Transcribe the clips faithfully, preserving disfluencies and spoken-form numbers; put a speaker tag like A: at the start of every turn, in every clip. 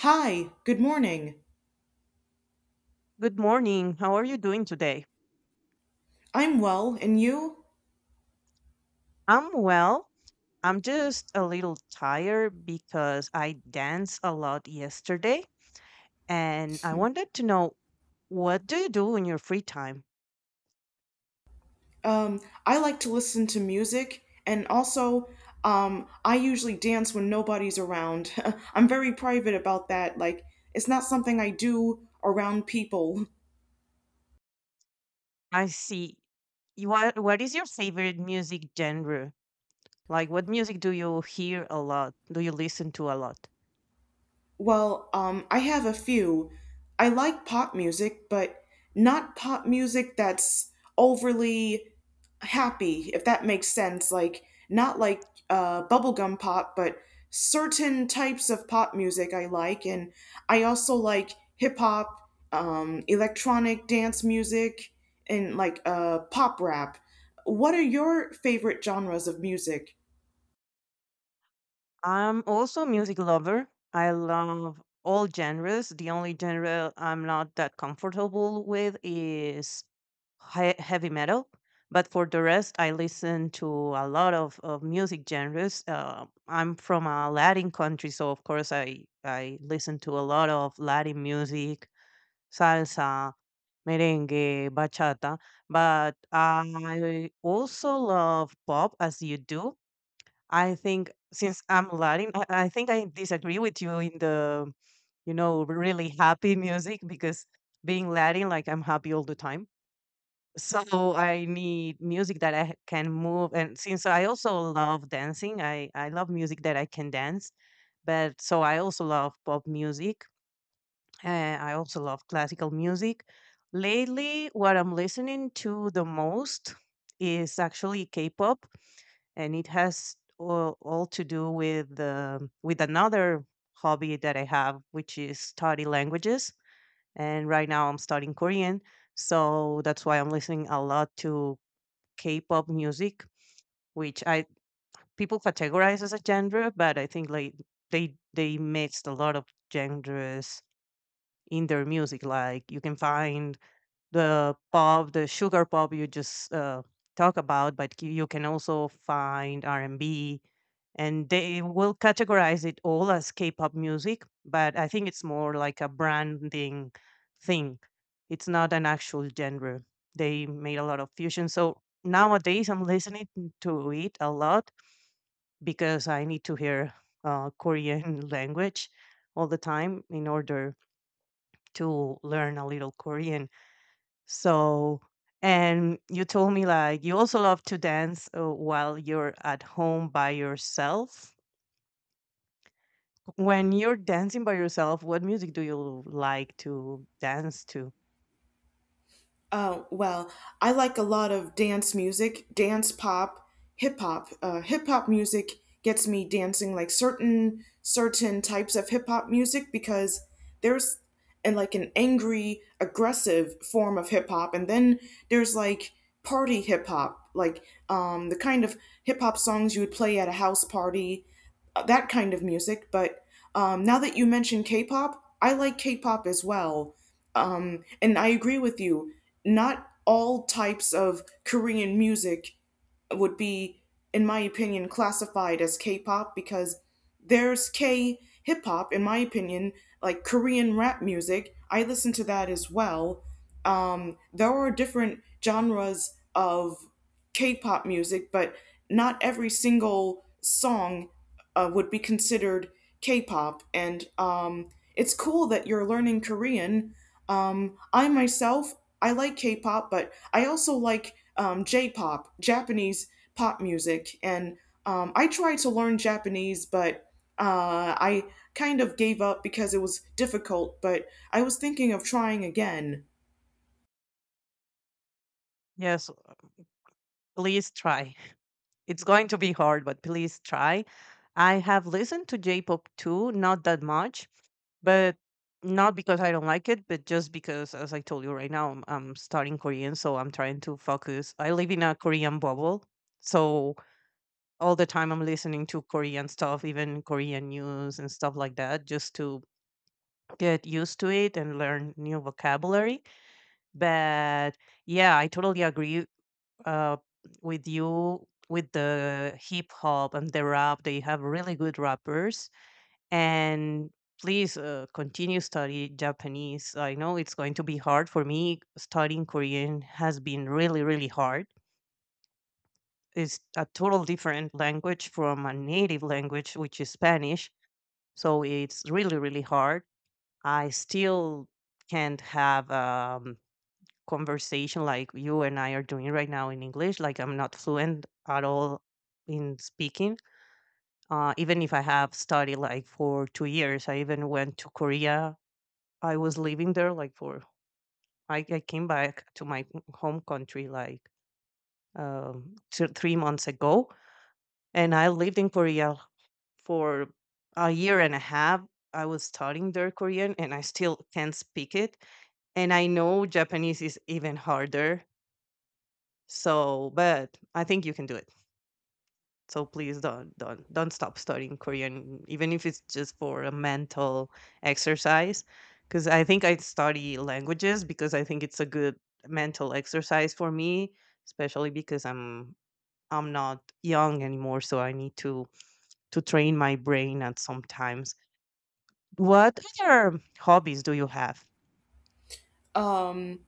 A: Hi, good morning.
B: Good morning. How are you doing today?
A: I'm well, and you?
B: I'm well. I'm just a little tired because I danced a lot yesterday and I wanted to know what do you do in your free time?
A: Um, I like to listen to music, and also, um, I usually dance when nobody's around. I'm very private about that. Like, it's not something I do around people.
B: I see. You- What what is your favorite music genre? Like what music do you hear a lot? Do you listen to a lot?
A: Well, um, I have a few. I like pop music, but not pop music that's overly happy, if that makes sense. Like, not like uh, bubblegum pop, but certain types of pop music I like. And I also like hip hop, um, electronic dance music, and like uh, pop rap. What are your favorite genres of music?
B: I'm also a music lover. I love all genres. The only genre I'm not that comfortable with is he- heavy metal. But for the rest, I listen to a lot of, of music genres. Uh, I'm from a Latin country, so of course I I listen to a lot of Latin music, salsa, merengue, bachata. But I also love pop, as you do. I think since I'm Latin, I, I think I disagree with you in the you know really happy music because being Latin, like I'm happy all the time so I need music that I can move. And since I also love dancing, I, I love music that I can dance. But so I also love pop music. And I also love classical music. Lately, what I'm listening to the most is actually K-pop, and it has all, all to do with the with another hobby that I have, which is study languages. And right now, I'm studying Korean, so that's why I'm listening a lot to K-pop music, which I people categorize as a genre, but I think like they they mixed a lot of genres in their music. Like you can find the pop, the sugar pop you just uh, talk about, but you you can also find R and B, and they will categorize it all as K-pop music. But I think it's more like a branding thing. It's not an actual genre. They made a lot of fusion. So nowadays I'm listening to it a lot because I need to hear uh, Korean language all the time in order to learn a little Korean so and you told me like you also love to dance uh, while you're at home by yourself. When you're dancing by yourself, what music do you like to dance to?
A: Oh, well, I like a lot of dance music, dance pop, hip hop. Uh, hip hop music gets me dancing like certain certain types of hip hop music because there's and like an angry, aggressive form of hip hop and then there's like party hip hop, like um the kind of hip hop songs you would play at a house party, that kind of music. But um, now that you mentioned K-pop, I like K-pop as well. Um, and I agree with you. Not all types of Korean music would be, in my opinion, classified as K pop because there's K hip hop, in my opinion, like Korean rap music. I listen to that as well. Um, there are different genres of K pop music, but not every single song uh, would be considered K pop. And um, It's cool that you're learning Korean. Um, I myself, I like K pop, but I also like um, J-pop, Japanese pop music, and um, I tried to learn Japanese, but uh, I kind of gave up because it was difficult. But I was thinking of trying again.
B: Yes, please try. It's going to be hard, but please try. I have listened to J-pop too, not that much, but not because I don't like it, but just because, as I told you right now, I'm, I'm studying Korean, so I'm trying to focus. I live in a Korean bubble, so all the time I'm listening to Korean stuff, even Korean news and stuff like that, just to get used to it and learn new vocabulary. But yeah, I totally agree uh, with you with the hip hop and the rap. They have really good rappers. And please uh, continue study Japanese. I know it's going to be hard for me. Studying Korean has been really, really hard. It's a total different language from a native language, which is Spanish. So it's really, really hard. I still can't have um, conversation like you and I are doing right now in English. Like I'm not fluent at all in speaking. Uh, even if I have studied like for two years, I even went to Korea. I was living there like for I, I came back to my home country like um, two, three months ago, and I lived in Korea for a year and a half. I was studying their Korean and I still can't speak it. And I know Japanese is even harder. So, but I think you can do it. So please don't don't don't stop studying Korean, even if it's just for a mental exercise. Because I think I study languages because I think it's a good mental exercise for me, especially because I'm I'm not young anymore, so I need to to train my brain at some time. What other hobbies do you have?
A: Um,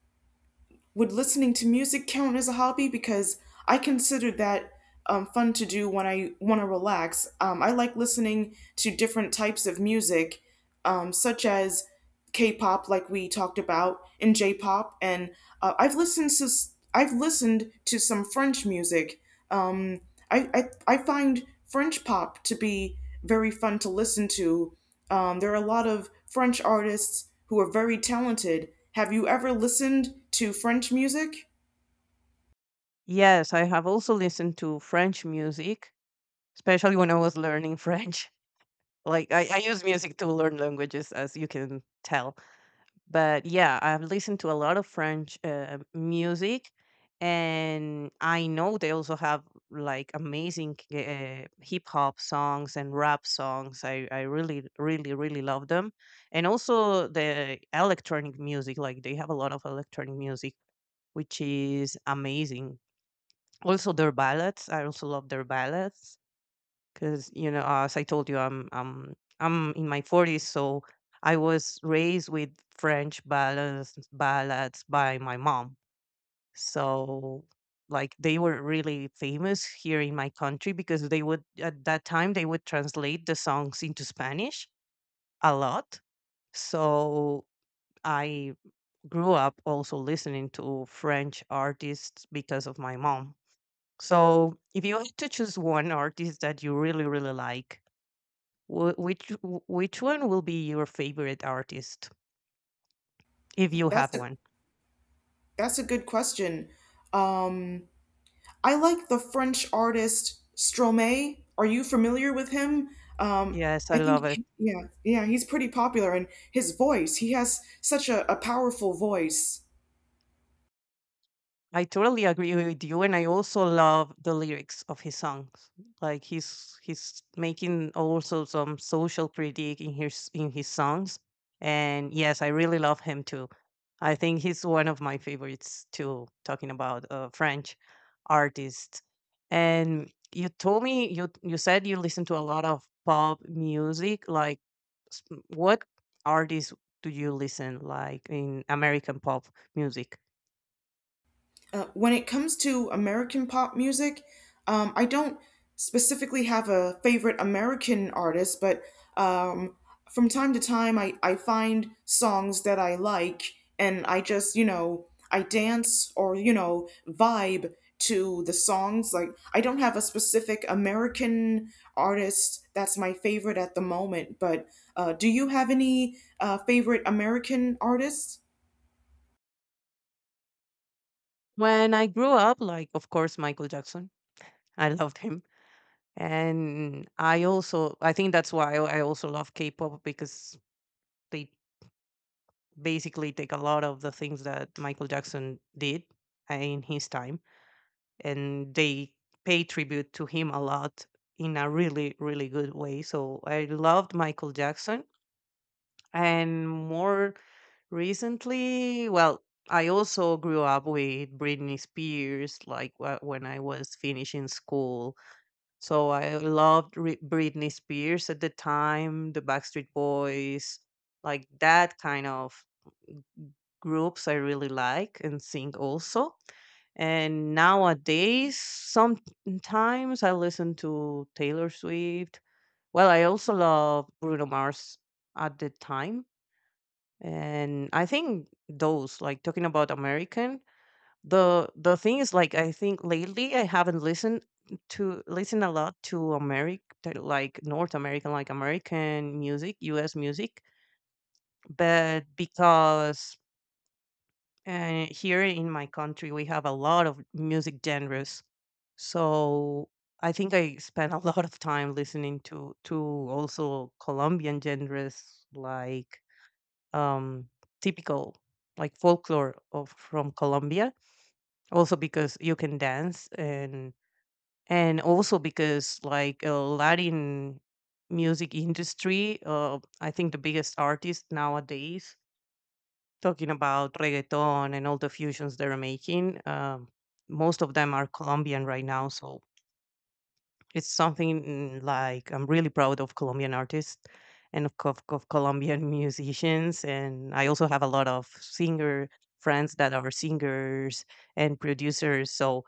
A: would listening to music count as a hobby? Because I consider that um, fun to do when I want to relax. Um, I like listening to different types of music, um, such as K-pop, like we talked about, and J-pop, and uh, I've listened to s- I've listened to some French music. Um, I, I I find French pop to be very fun to listen to. Um, there are a lot of French artists who are very talented. Have you ever listened to French music?
B: Yes, I have also listened to French music, especially when I was learning French. Like I, I use music to learn languages, as you can tell. But yeah, I've listened to a lot of French uh, music, and I know they also have like amazing uh, hip hop songs and rap songs. I, I really, really, really love them. And also the electronic music, like they have a lot of electronic music which is amazing. Also their ballads, I also love their ballads because you know, as I told you, I'm I'm I'm in my forties, so I was raised with French ballads ballads by my mom. So like they were really famous here in my country because they would at that time they would translate the songs into Spanish a lot. So I grew up also listening to French artists because of my mom. So, if you had to choose one artist that you really, really like, wh- which w- which one will be your favorite artist if you have
A: That's a
B: one?
A: that's a good question. Um, I like the French artist Stromae. Are you familiar with him? Um,
B: Yes, I
A: I think
B: love it.
A: yeah, yeah, he's pretty popular, and his voice. He has such a, a powerful voice.
B: I totally agree with you, and I also love the lyrics of his songs. Like he's he's making also some social critique in his in his songs, and yes, I really love him too. I think he's one of my favorites too, talking about uh, French artists. And you told me you you said you listen to a lot of pop music. Like, s- what artists do you listen like in American pop music?
A: Uh, when it comes to American pop music, um, I don't specifically have a favorite American artist, but um, from time to time I, I find songs that I like and I just, you know, I dance or, you know, vibe to the songs. Like, I don't have a specific American artist that's my favorite at the moment, but uh, do you have any uh, favorite American artists?
B: When I grew up, like of course Michael Jackson, I loved him, and I also I think that's why I also love K-pop because they basically take a lot of the things that Michael Jackson did uh, in his time and they pay tribute to him a lot in a really really good way. So I loved Michael Jackson and more recently, well, I also grew up with Britney Spears like wh- when I was finishing school. So I loved Ri- Britney Spears at the time, the Backstreet Boys, like that kind of groups I really like and sing also. And nowadays, sometimes I listen to Taylor Swift. Well, I also love Bruno Mars at the time. And I think those, like talking about American, the the thing is like I think lately I haven't listened to listen a lot to American like North American, like American music, U S music. But because and here in my country, we have a lot of music genres. So I think I spent a lot of time listening to to also Colombian genres like um typical like folklore of from Colombia. Also because you can dance and and also because like uh, Latin music industry, uh, I think the biggest artist nowadays talking about reggaeton and all the fusions they're making. Um, most of them are Colombian right now, so it's something mm, like I'm really proud of Colombian artists and of, co- of Colombian musicians. And I also have a lot of singer friends that are singers and producers. So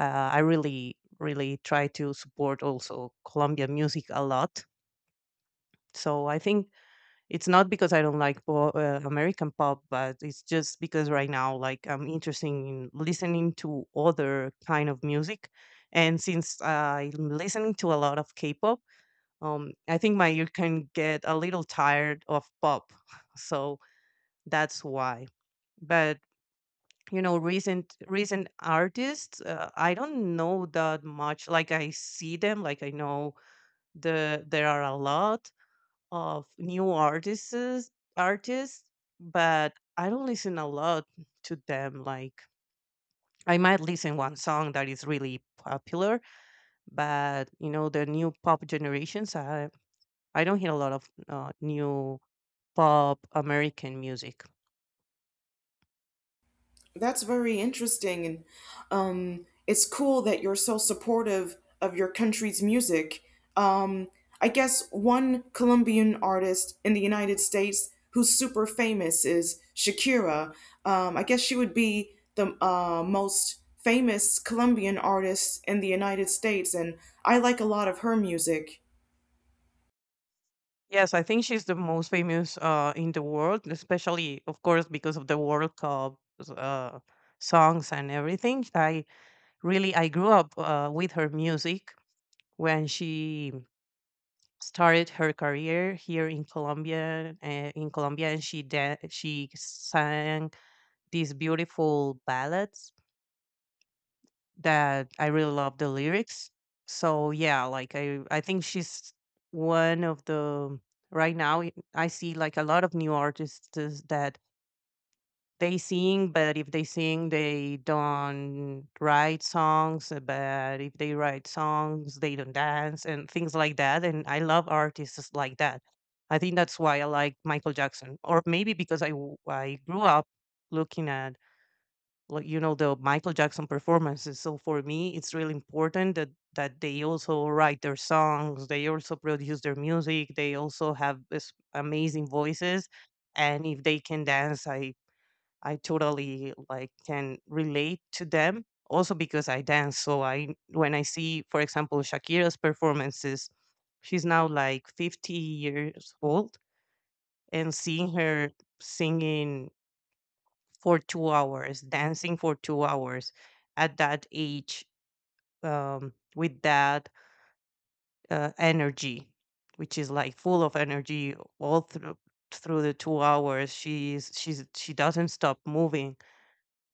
B: uh, I really, really try to support also Colombian music a lot. So I think it's not because I don't like po- uh, American pop, but it's just because right now, like, I'm interested in listening to other kind of music, and since I'm listening to a lot of K-pop, um, I think my ear can get a little tired of pop, so that's why. But you know, recent recent artists, uh, I don't know that much. Like, I see them, like I know the there are a lot of new artists artists but I don't listen a lot to them like I might listen one song that is really popular but you know the new pop generations i I don't hear a lot of uh, new pop american music.
A: That's very interesting, and um, it's cool that you're so supportive of your country's music. Um, I guess one Colombian artist in the United States who's super famous is Shakira. Um, I guess she would be the uh, most famous Colombian artist in the United States, and I like a lot of her music.
B: Yes, I think she's the most famous uh, in the world, especially of course because of the world cup uh, songs and everything. I really, I grew up uh, with her music when she started her career here in Colombia. Uh, in Colombia, and she dan- she sang these beautiful ballads that I really love the lyrics. So yeah, like I I think she's one of the right now. I I see like a lot of new artists is- that they sing, but if they sing, they don't write songs. uh, But if they write songs, they don't dance and things like that. And I love artists like that. I think that's why I like Michael Jackson, or maybe because I w- I grew up looking at like you know the Michael Jackson performances. So for me, it's really important that that they also write their songs, they also produce their music, they also have this amazing voices, and if they can dance, I I totally like can relate to them. Also because I dance, so I when I see, for example, Shakira's performances, she's now like fifty years old, and seeing her singing for two hours, dancing for two hours at that age, um, with that uh, energy, which is like full of energy all through through the two hours. She's she's she doesn't stop moving,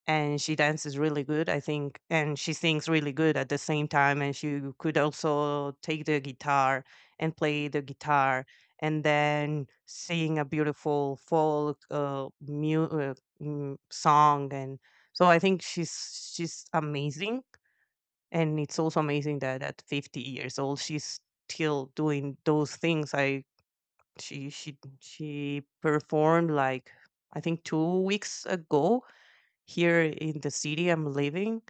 B: and she dances really good, I think, and she sings really good at the same time. And she could also take the guitar and play the guitar, and then sing a beautiful folk uh, mu- uh, mm, song. And so I think she's she's amazing, and it's also amazing that at fifty years old she's still doing those things. I she she she performed like, I think, two weeks ago here in the city I'm living,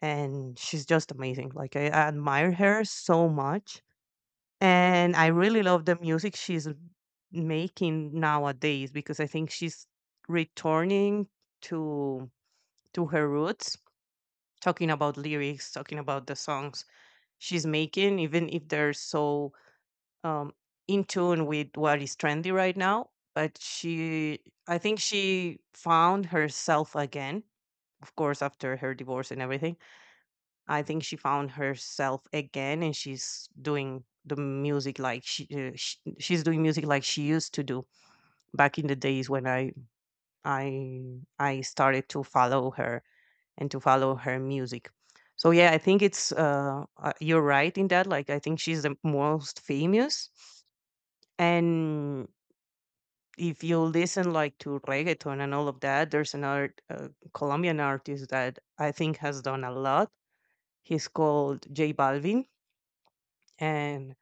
B: and she's just amazing. Like, I admire her so much, and I really love the music she's making nowadays because I think she's returning to to her roots, talking about lyrics, talking about the songs she's making, even if they're so um, in tune with what is trendy right now. But she, I think she found herself again, of course, after her divorce and everything. I think she found herself again, and she's doing the music like she, uh, sh she's doing music like she used to do back in the days when I I I started to follow her and to follow her music. So yeah, I think it's uh, uh, you're right in that. Like, I think she's the most famous, and if you listen like to reggaeton and all of that, there's another uh, Colombian artist that I think has done a lot. He's called J Balvin, and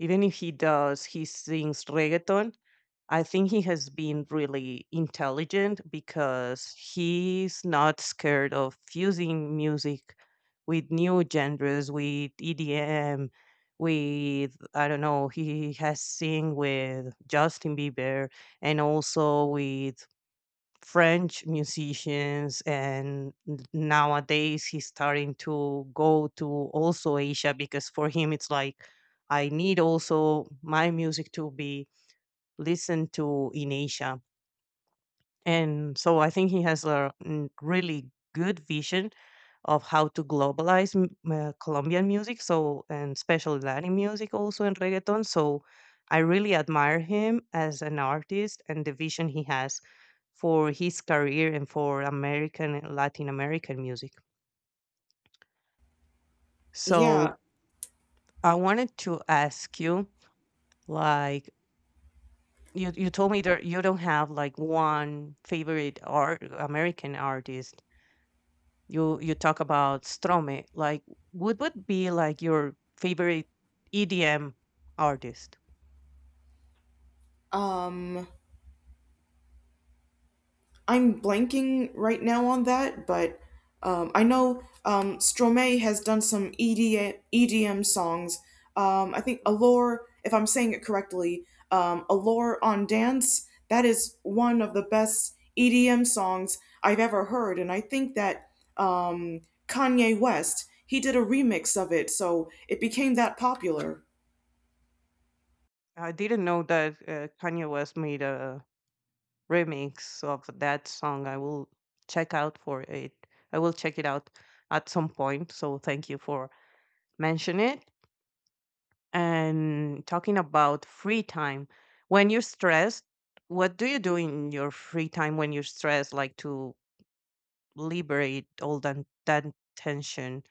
B: even if he does, he sings reggaeton. I think he has been really intelligent because he's not scared of fusing music with new genres, with E D M, with, I don't know, he has sing with Justin Bieber and also with French musicians, and n- nowadays he's starting to go to also Asia because for him it's like, I need also my music to be listened to in Asia. And so I think he has a mm, really good vision of how to globalize m- uh, Colombian music, so, and especially Latin music also and reggaeton. So I really admire him as an artist and the vision he has for his career and for American and Latin American music.
A: Yeah.
B: So I wanted to ask you, like, you you told me that you don't have like one favorite art American artist. You you talk about Stromae, like, what would be, like, your favorite E D M artist?
A: um, I'm blanking right now on that, but um, I know um, Stromae has done some EDM, E D M songs. Um, I think Allure, if I'm saying it correctly, um, Allure on Dance, that is one of the best E D M songs I've ever heard. And I think that um, Kanye West, he did a remix of it, so it became that popular.
B: I didn't know that, uh, Kanye West made a remix of that song. I will check out for it. I will check it out at some point, so thank you for mentioning it. And talking about free time, when you're stressed, what do you do in your free time when you're stressed, like, to liberate all that that tension?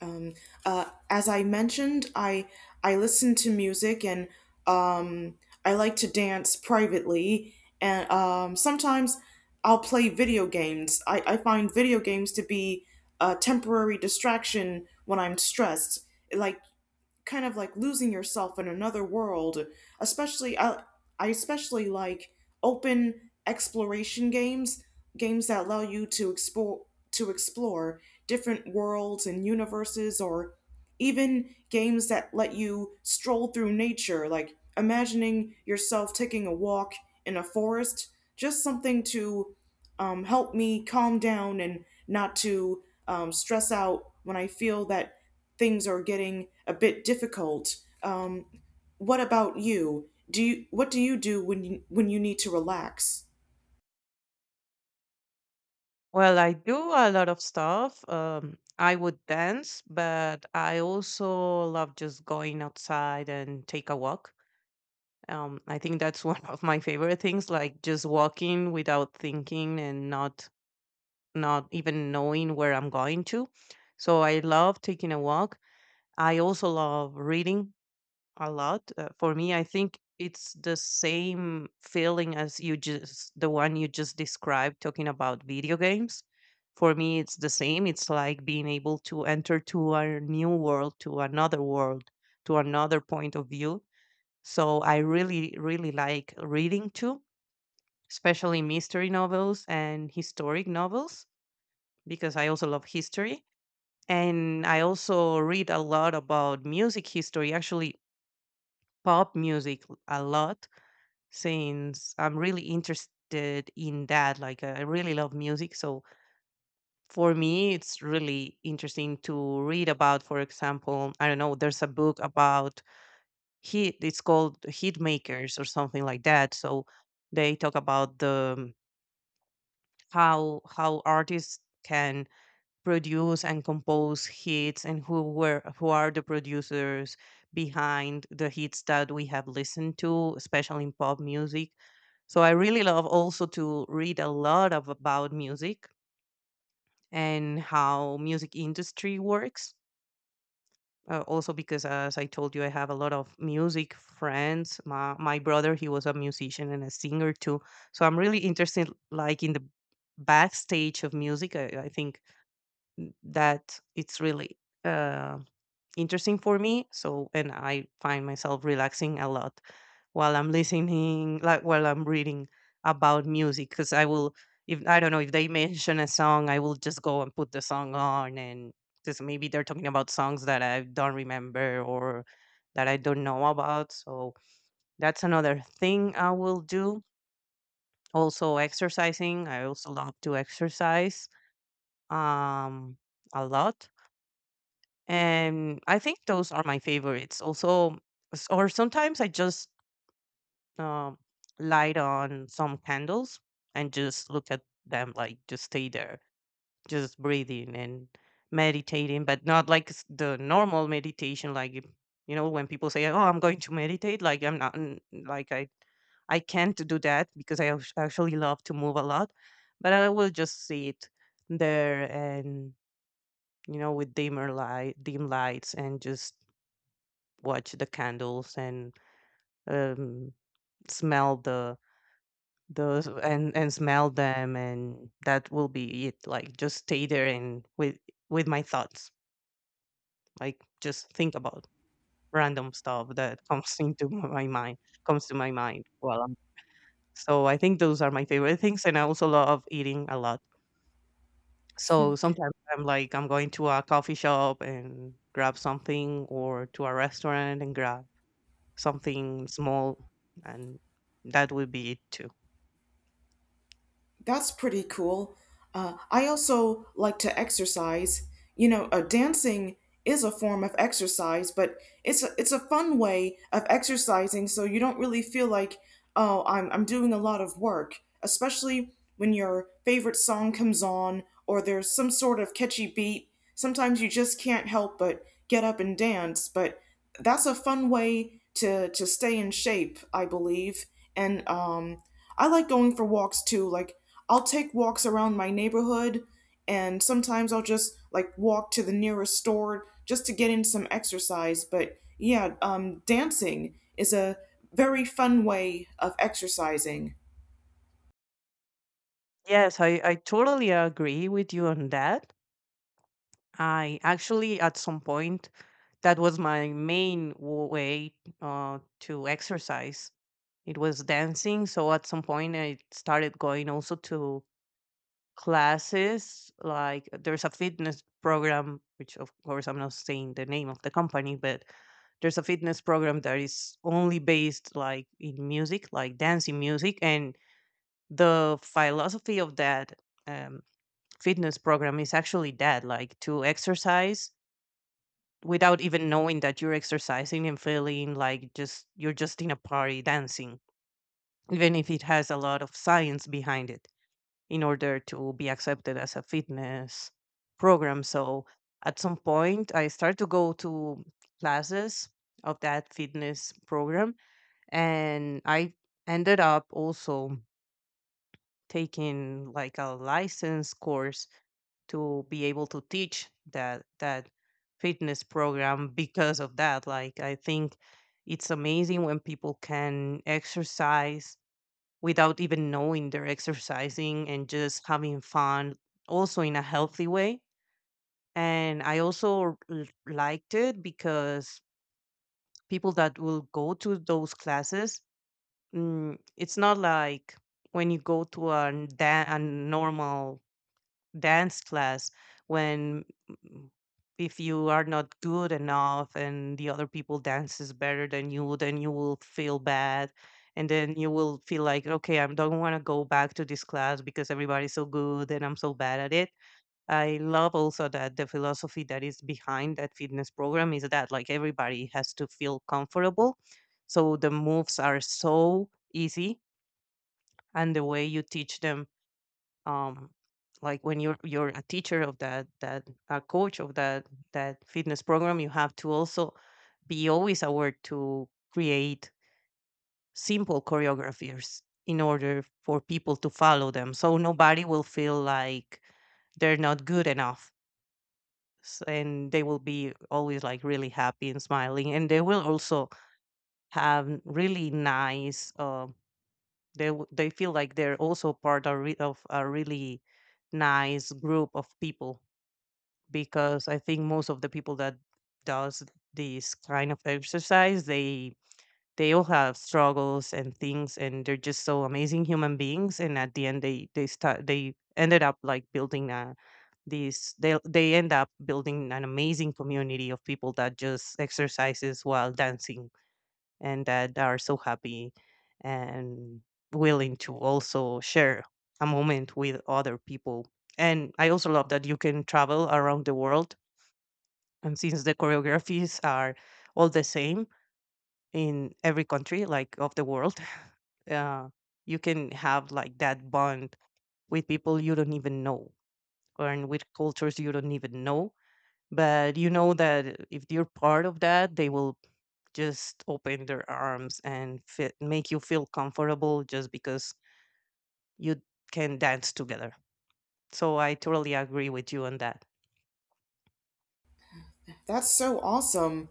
A: Um, uh, as I mentioned, I I listen to music and um, I like to dance privately, and um, sometimes I'll play video games. I, I find video games to be a temporary distraction when I'm stressed. Like kind of like losing yourself in another world. Especially, I, I especially like open exploration games, games that allow you to explore to explore different worlds and universes, or even games that let you stroll through nature, like imagining yourself taking a walk in a forest, just something to um, help me calm down and not to um, stress out when I feel that things are getting a bit difficult. Um, what about you? Do you What do you do when you when you need to relax?
B: Well, I do a lot of stuff. Um, I would dance, but I also love just going outside and take a walk. Um, I think that's one of my favorite things, like just walking without thinking and not not even knowing where I'm going to. So I love taking a walk. I also love reading a lot. Uh, for me, I think it's the same feeling as you, just the one you just described talking about video games. For me, it's the same. It's like being able to enter to a new world, to another world, to another point of view. So I really, really like reading too, especially mystery novels and historic novels, because I also love history. And I also read a lot about music history. Actually, pop music a lot, since I'm really interested in that. Like, uh, I really love music. So, for me, it's really interesting to read about, for example, I don't know, there's a book about hit, it's called Hit Makers or something like that. So, they talk about the how how artists can produce and compose hits and who were who are the producers behind the hits that we have listened to, especially in pop music. So I really love also to read a lot of about music and how music industry works. Uh, also because as I told you, I have a lot of music friends. My, my brother, he was a musician and a singer too. So I'm really interested like in the backstage of music. I, I think n- that it's really uh, interesting for me. So, and I find myself relaxing a lot while I'm listening, like while I'm reading about music, because I will, if I don't know, if they mention a song, I will just go and put the song on, and because maybe they're talking about songs that I don't remember or that I don't know about. So that's another thing I will do. Also, exercising. I also love to exercise um, a lot, and I think those are my favorites. Also, s- or sometimes I just um, light on some candles and just look at them, like just stay there, just breathing and meditating, but not like s- the normal meditation, like if- you know when people say, "Oh, I'm going to meditate," like I'm not, n- like I I can't do that because I act- actually love to move a lot, but I will just sit there and, you know, with dimmer light, dim lights, and just watch the candles and um, smell the those and and smell them, and that will be it, like just stay there and with with my thoughts, like just think about random stuff that comes into my mind comes to my mind while I'm. So I think those are my favorite things, and I also love eating a lot, so sometimes I'm like, I'm going to a coffee shop and grab something, or to a restaurant and grab something small, and that would be it too.
A: That's pretty cool. Uh, I also like to exercise. You know, uh, dancing is a form of exercise, but it's a, it's a fun way of exercising, so you don't really feel like, oh, I'm, I'm doing a lot of work, especially when your favorite song comes on or there's some sort of catchy beat. Sometimes you just can't help but get up and dance, but that's a fun way to, to stay in shape, I believe. And um, I like going for walks too. Like I'll take walks around my neighborhood and sometimes I'll just like walk to the nearest store just to get in some exercise. But yeah, um dancing is a very fun way of exercising.
B: Yes, i, I totally agree with you on that. I actually, at some point, that was my main w- way uh, to exercise. It was dancing, so at some point I started going also to classes. Like, there's a fitness program, which of course I'm not saying the name of the company, but there's a fitness program that is only based like in music, like dancing music. And the philosophy of that um, fitness program is actually that, like, to exercise without even knowing that you're exercising and feeling like just you're just in a party dancing, even if it has a lot of science behind it in order to be accepted as a fitness program. So at some point, I started to go to classes of that fitness program, and I ended up also taking like a license course to be able to teach that that fitness program. Because of that, like, I think it's amazing when people can exercise without even knowing they're exercising and just having fun, also in a healthy way. And I also l- liked it because people that will go to those classes, mm, it's not like when you go to a, da- a normal dance class, when, mm, if you are not good enough and the other people dances better than you, then you will feel bad, and then you will feel like, okay, I don't want to go back to this class because everybody's so good and I'm so bad at it. I love also that the philosophy that is behind that fitness program is that, like, everybody has to feel comfortable. So the moves are so easy, and the way you teach them, um, like when you're you're a teacher of that that a coach of that that fitness program, you have to also be always aware to create simple choreographies in order for people to follow them, so nobody will feel like they're not good enough. S- and they will be always like really happy and smiling, and they will also have really nice, um, they w- they feel like they're also part of, re- of a really nice group of people, because I think most of the people that does this kind of exercise, they they all have struggles and things, and they're just so amazing human beings, and at the end they they start they ended up like building a these they they end up building an amazing community of people that just exercises while dancing and that are so happy and willing to also share a moment with other people. And I also love that you can travel around the world. And since the choreographies are all the same in every country, like of the world, uh, you can have like that bond with people you don't even know, or and with cultures you don't even know. But you know that if you're part of that, they will just open their arms and fit, make you feel comfortable just because you can dance together. So I totally agree with you on that.
A: That's so awesome.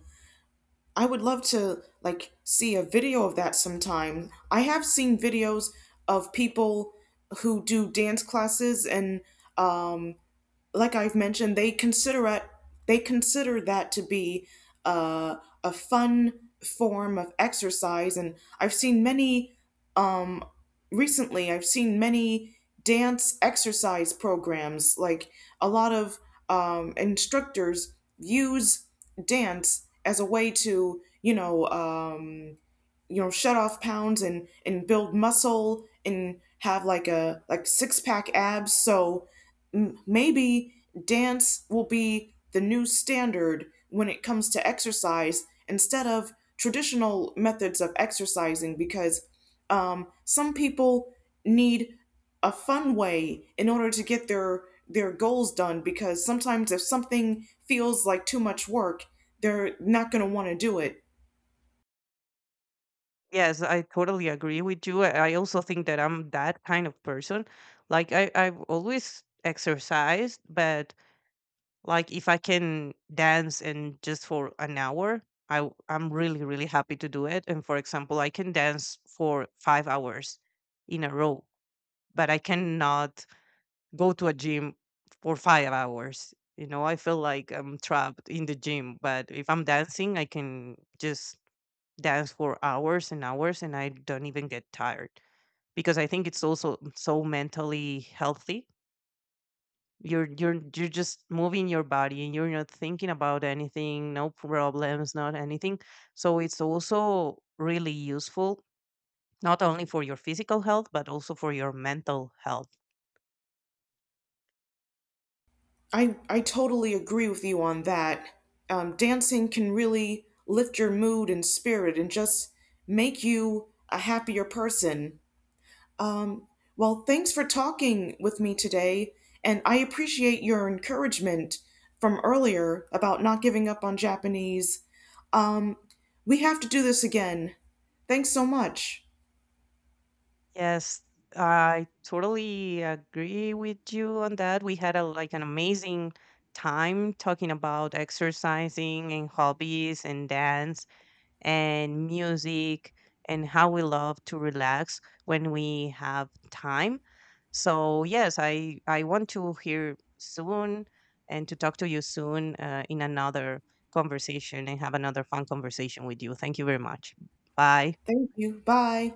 A: I would love to like see a video of that sometime. I have seen videos of people who do dance classes and um. like I've mentioned, they consider it, they consider that to be uh, a fun form of exercise, and I've seen many um, recently. I've seen many dance exercise programs, like a lot of um, instructors use dance as a way to, you know, um, you know, shut off pounds and and build muscle and have like a like six pack abs, so m- maybe dance will be the new standard when it comes to exercise instead of traditional methods of exercising because um, some people need a fun way in order to get their their goals done because sometimes if something feels like too much work, they're not going to want to do it.
B: Yes, I totally agree with you. I I also think that I'm that kind of person. Like I, I've always exercised, but like if I can dance and just for an hour, I w- I'm really really happy to do it. And for example, I can dance for five hours in a row, but I cannot go to a gym for five hours. You know, I feel like I'm trapped in the gym. But if I'm dancing, I can just dance for hours and hours and I don't even get tired, because I think it's also so mentally healthy. You're you're you're just moving your body and you're not thinking about anything, no problems, not anything. So it's also really useful not only for your physical health but also for your mental health.
A: I I totally agree with you on that. Um, dancing can really lift your mood and spirit and just make you a happier person. Um, well, thanks for talking with me today, and I appreciate your encouragement from earlier about not giving up on Japanese. Um, we have to do this again. Thanks so much.
B: Yes, I totally agree with you on that. We had a like an amazing time talking about exercising and hobbies and dance and music and how we love to relax when we have time. So yes, I I want to hear soon and to talk to you soon uh, in another conversation and have another fun conversation with you. Thank you very much. Bye.
A: Thank you. Bye.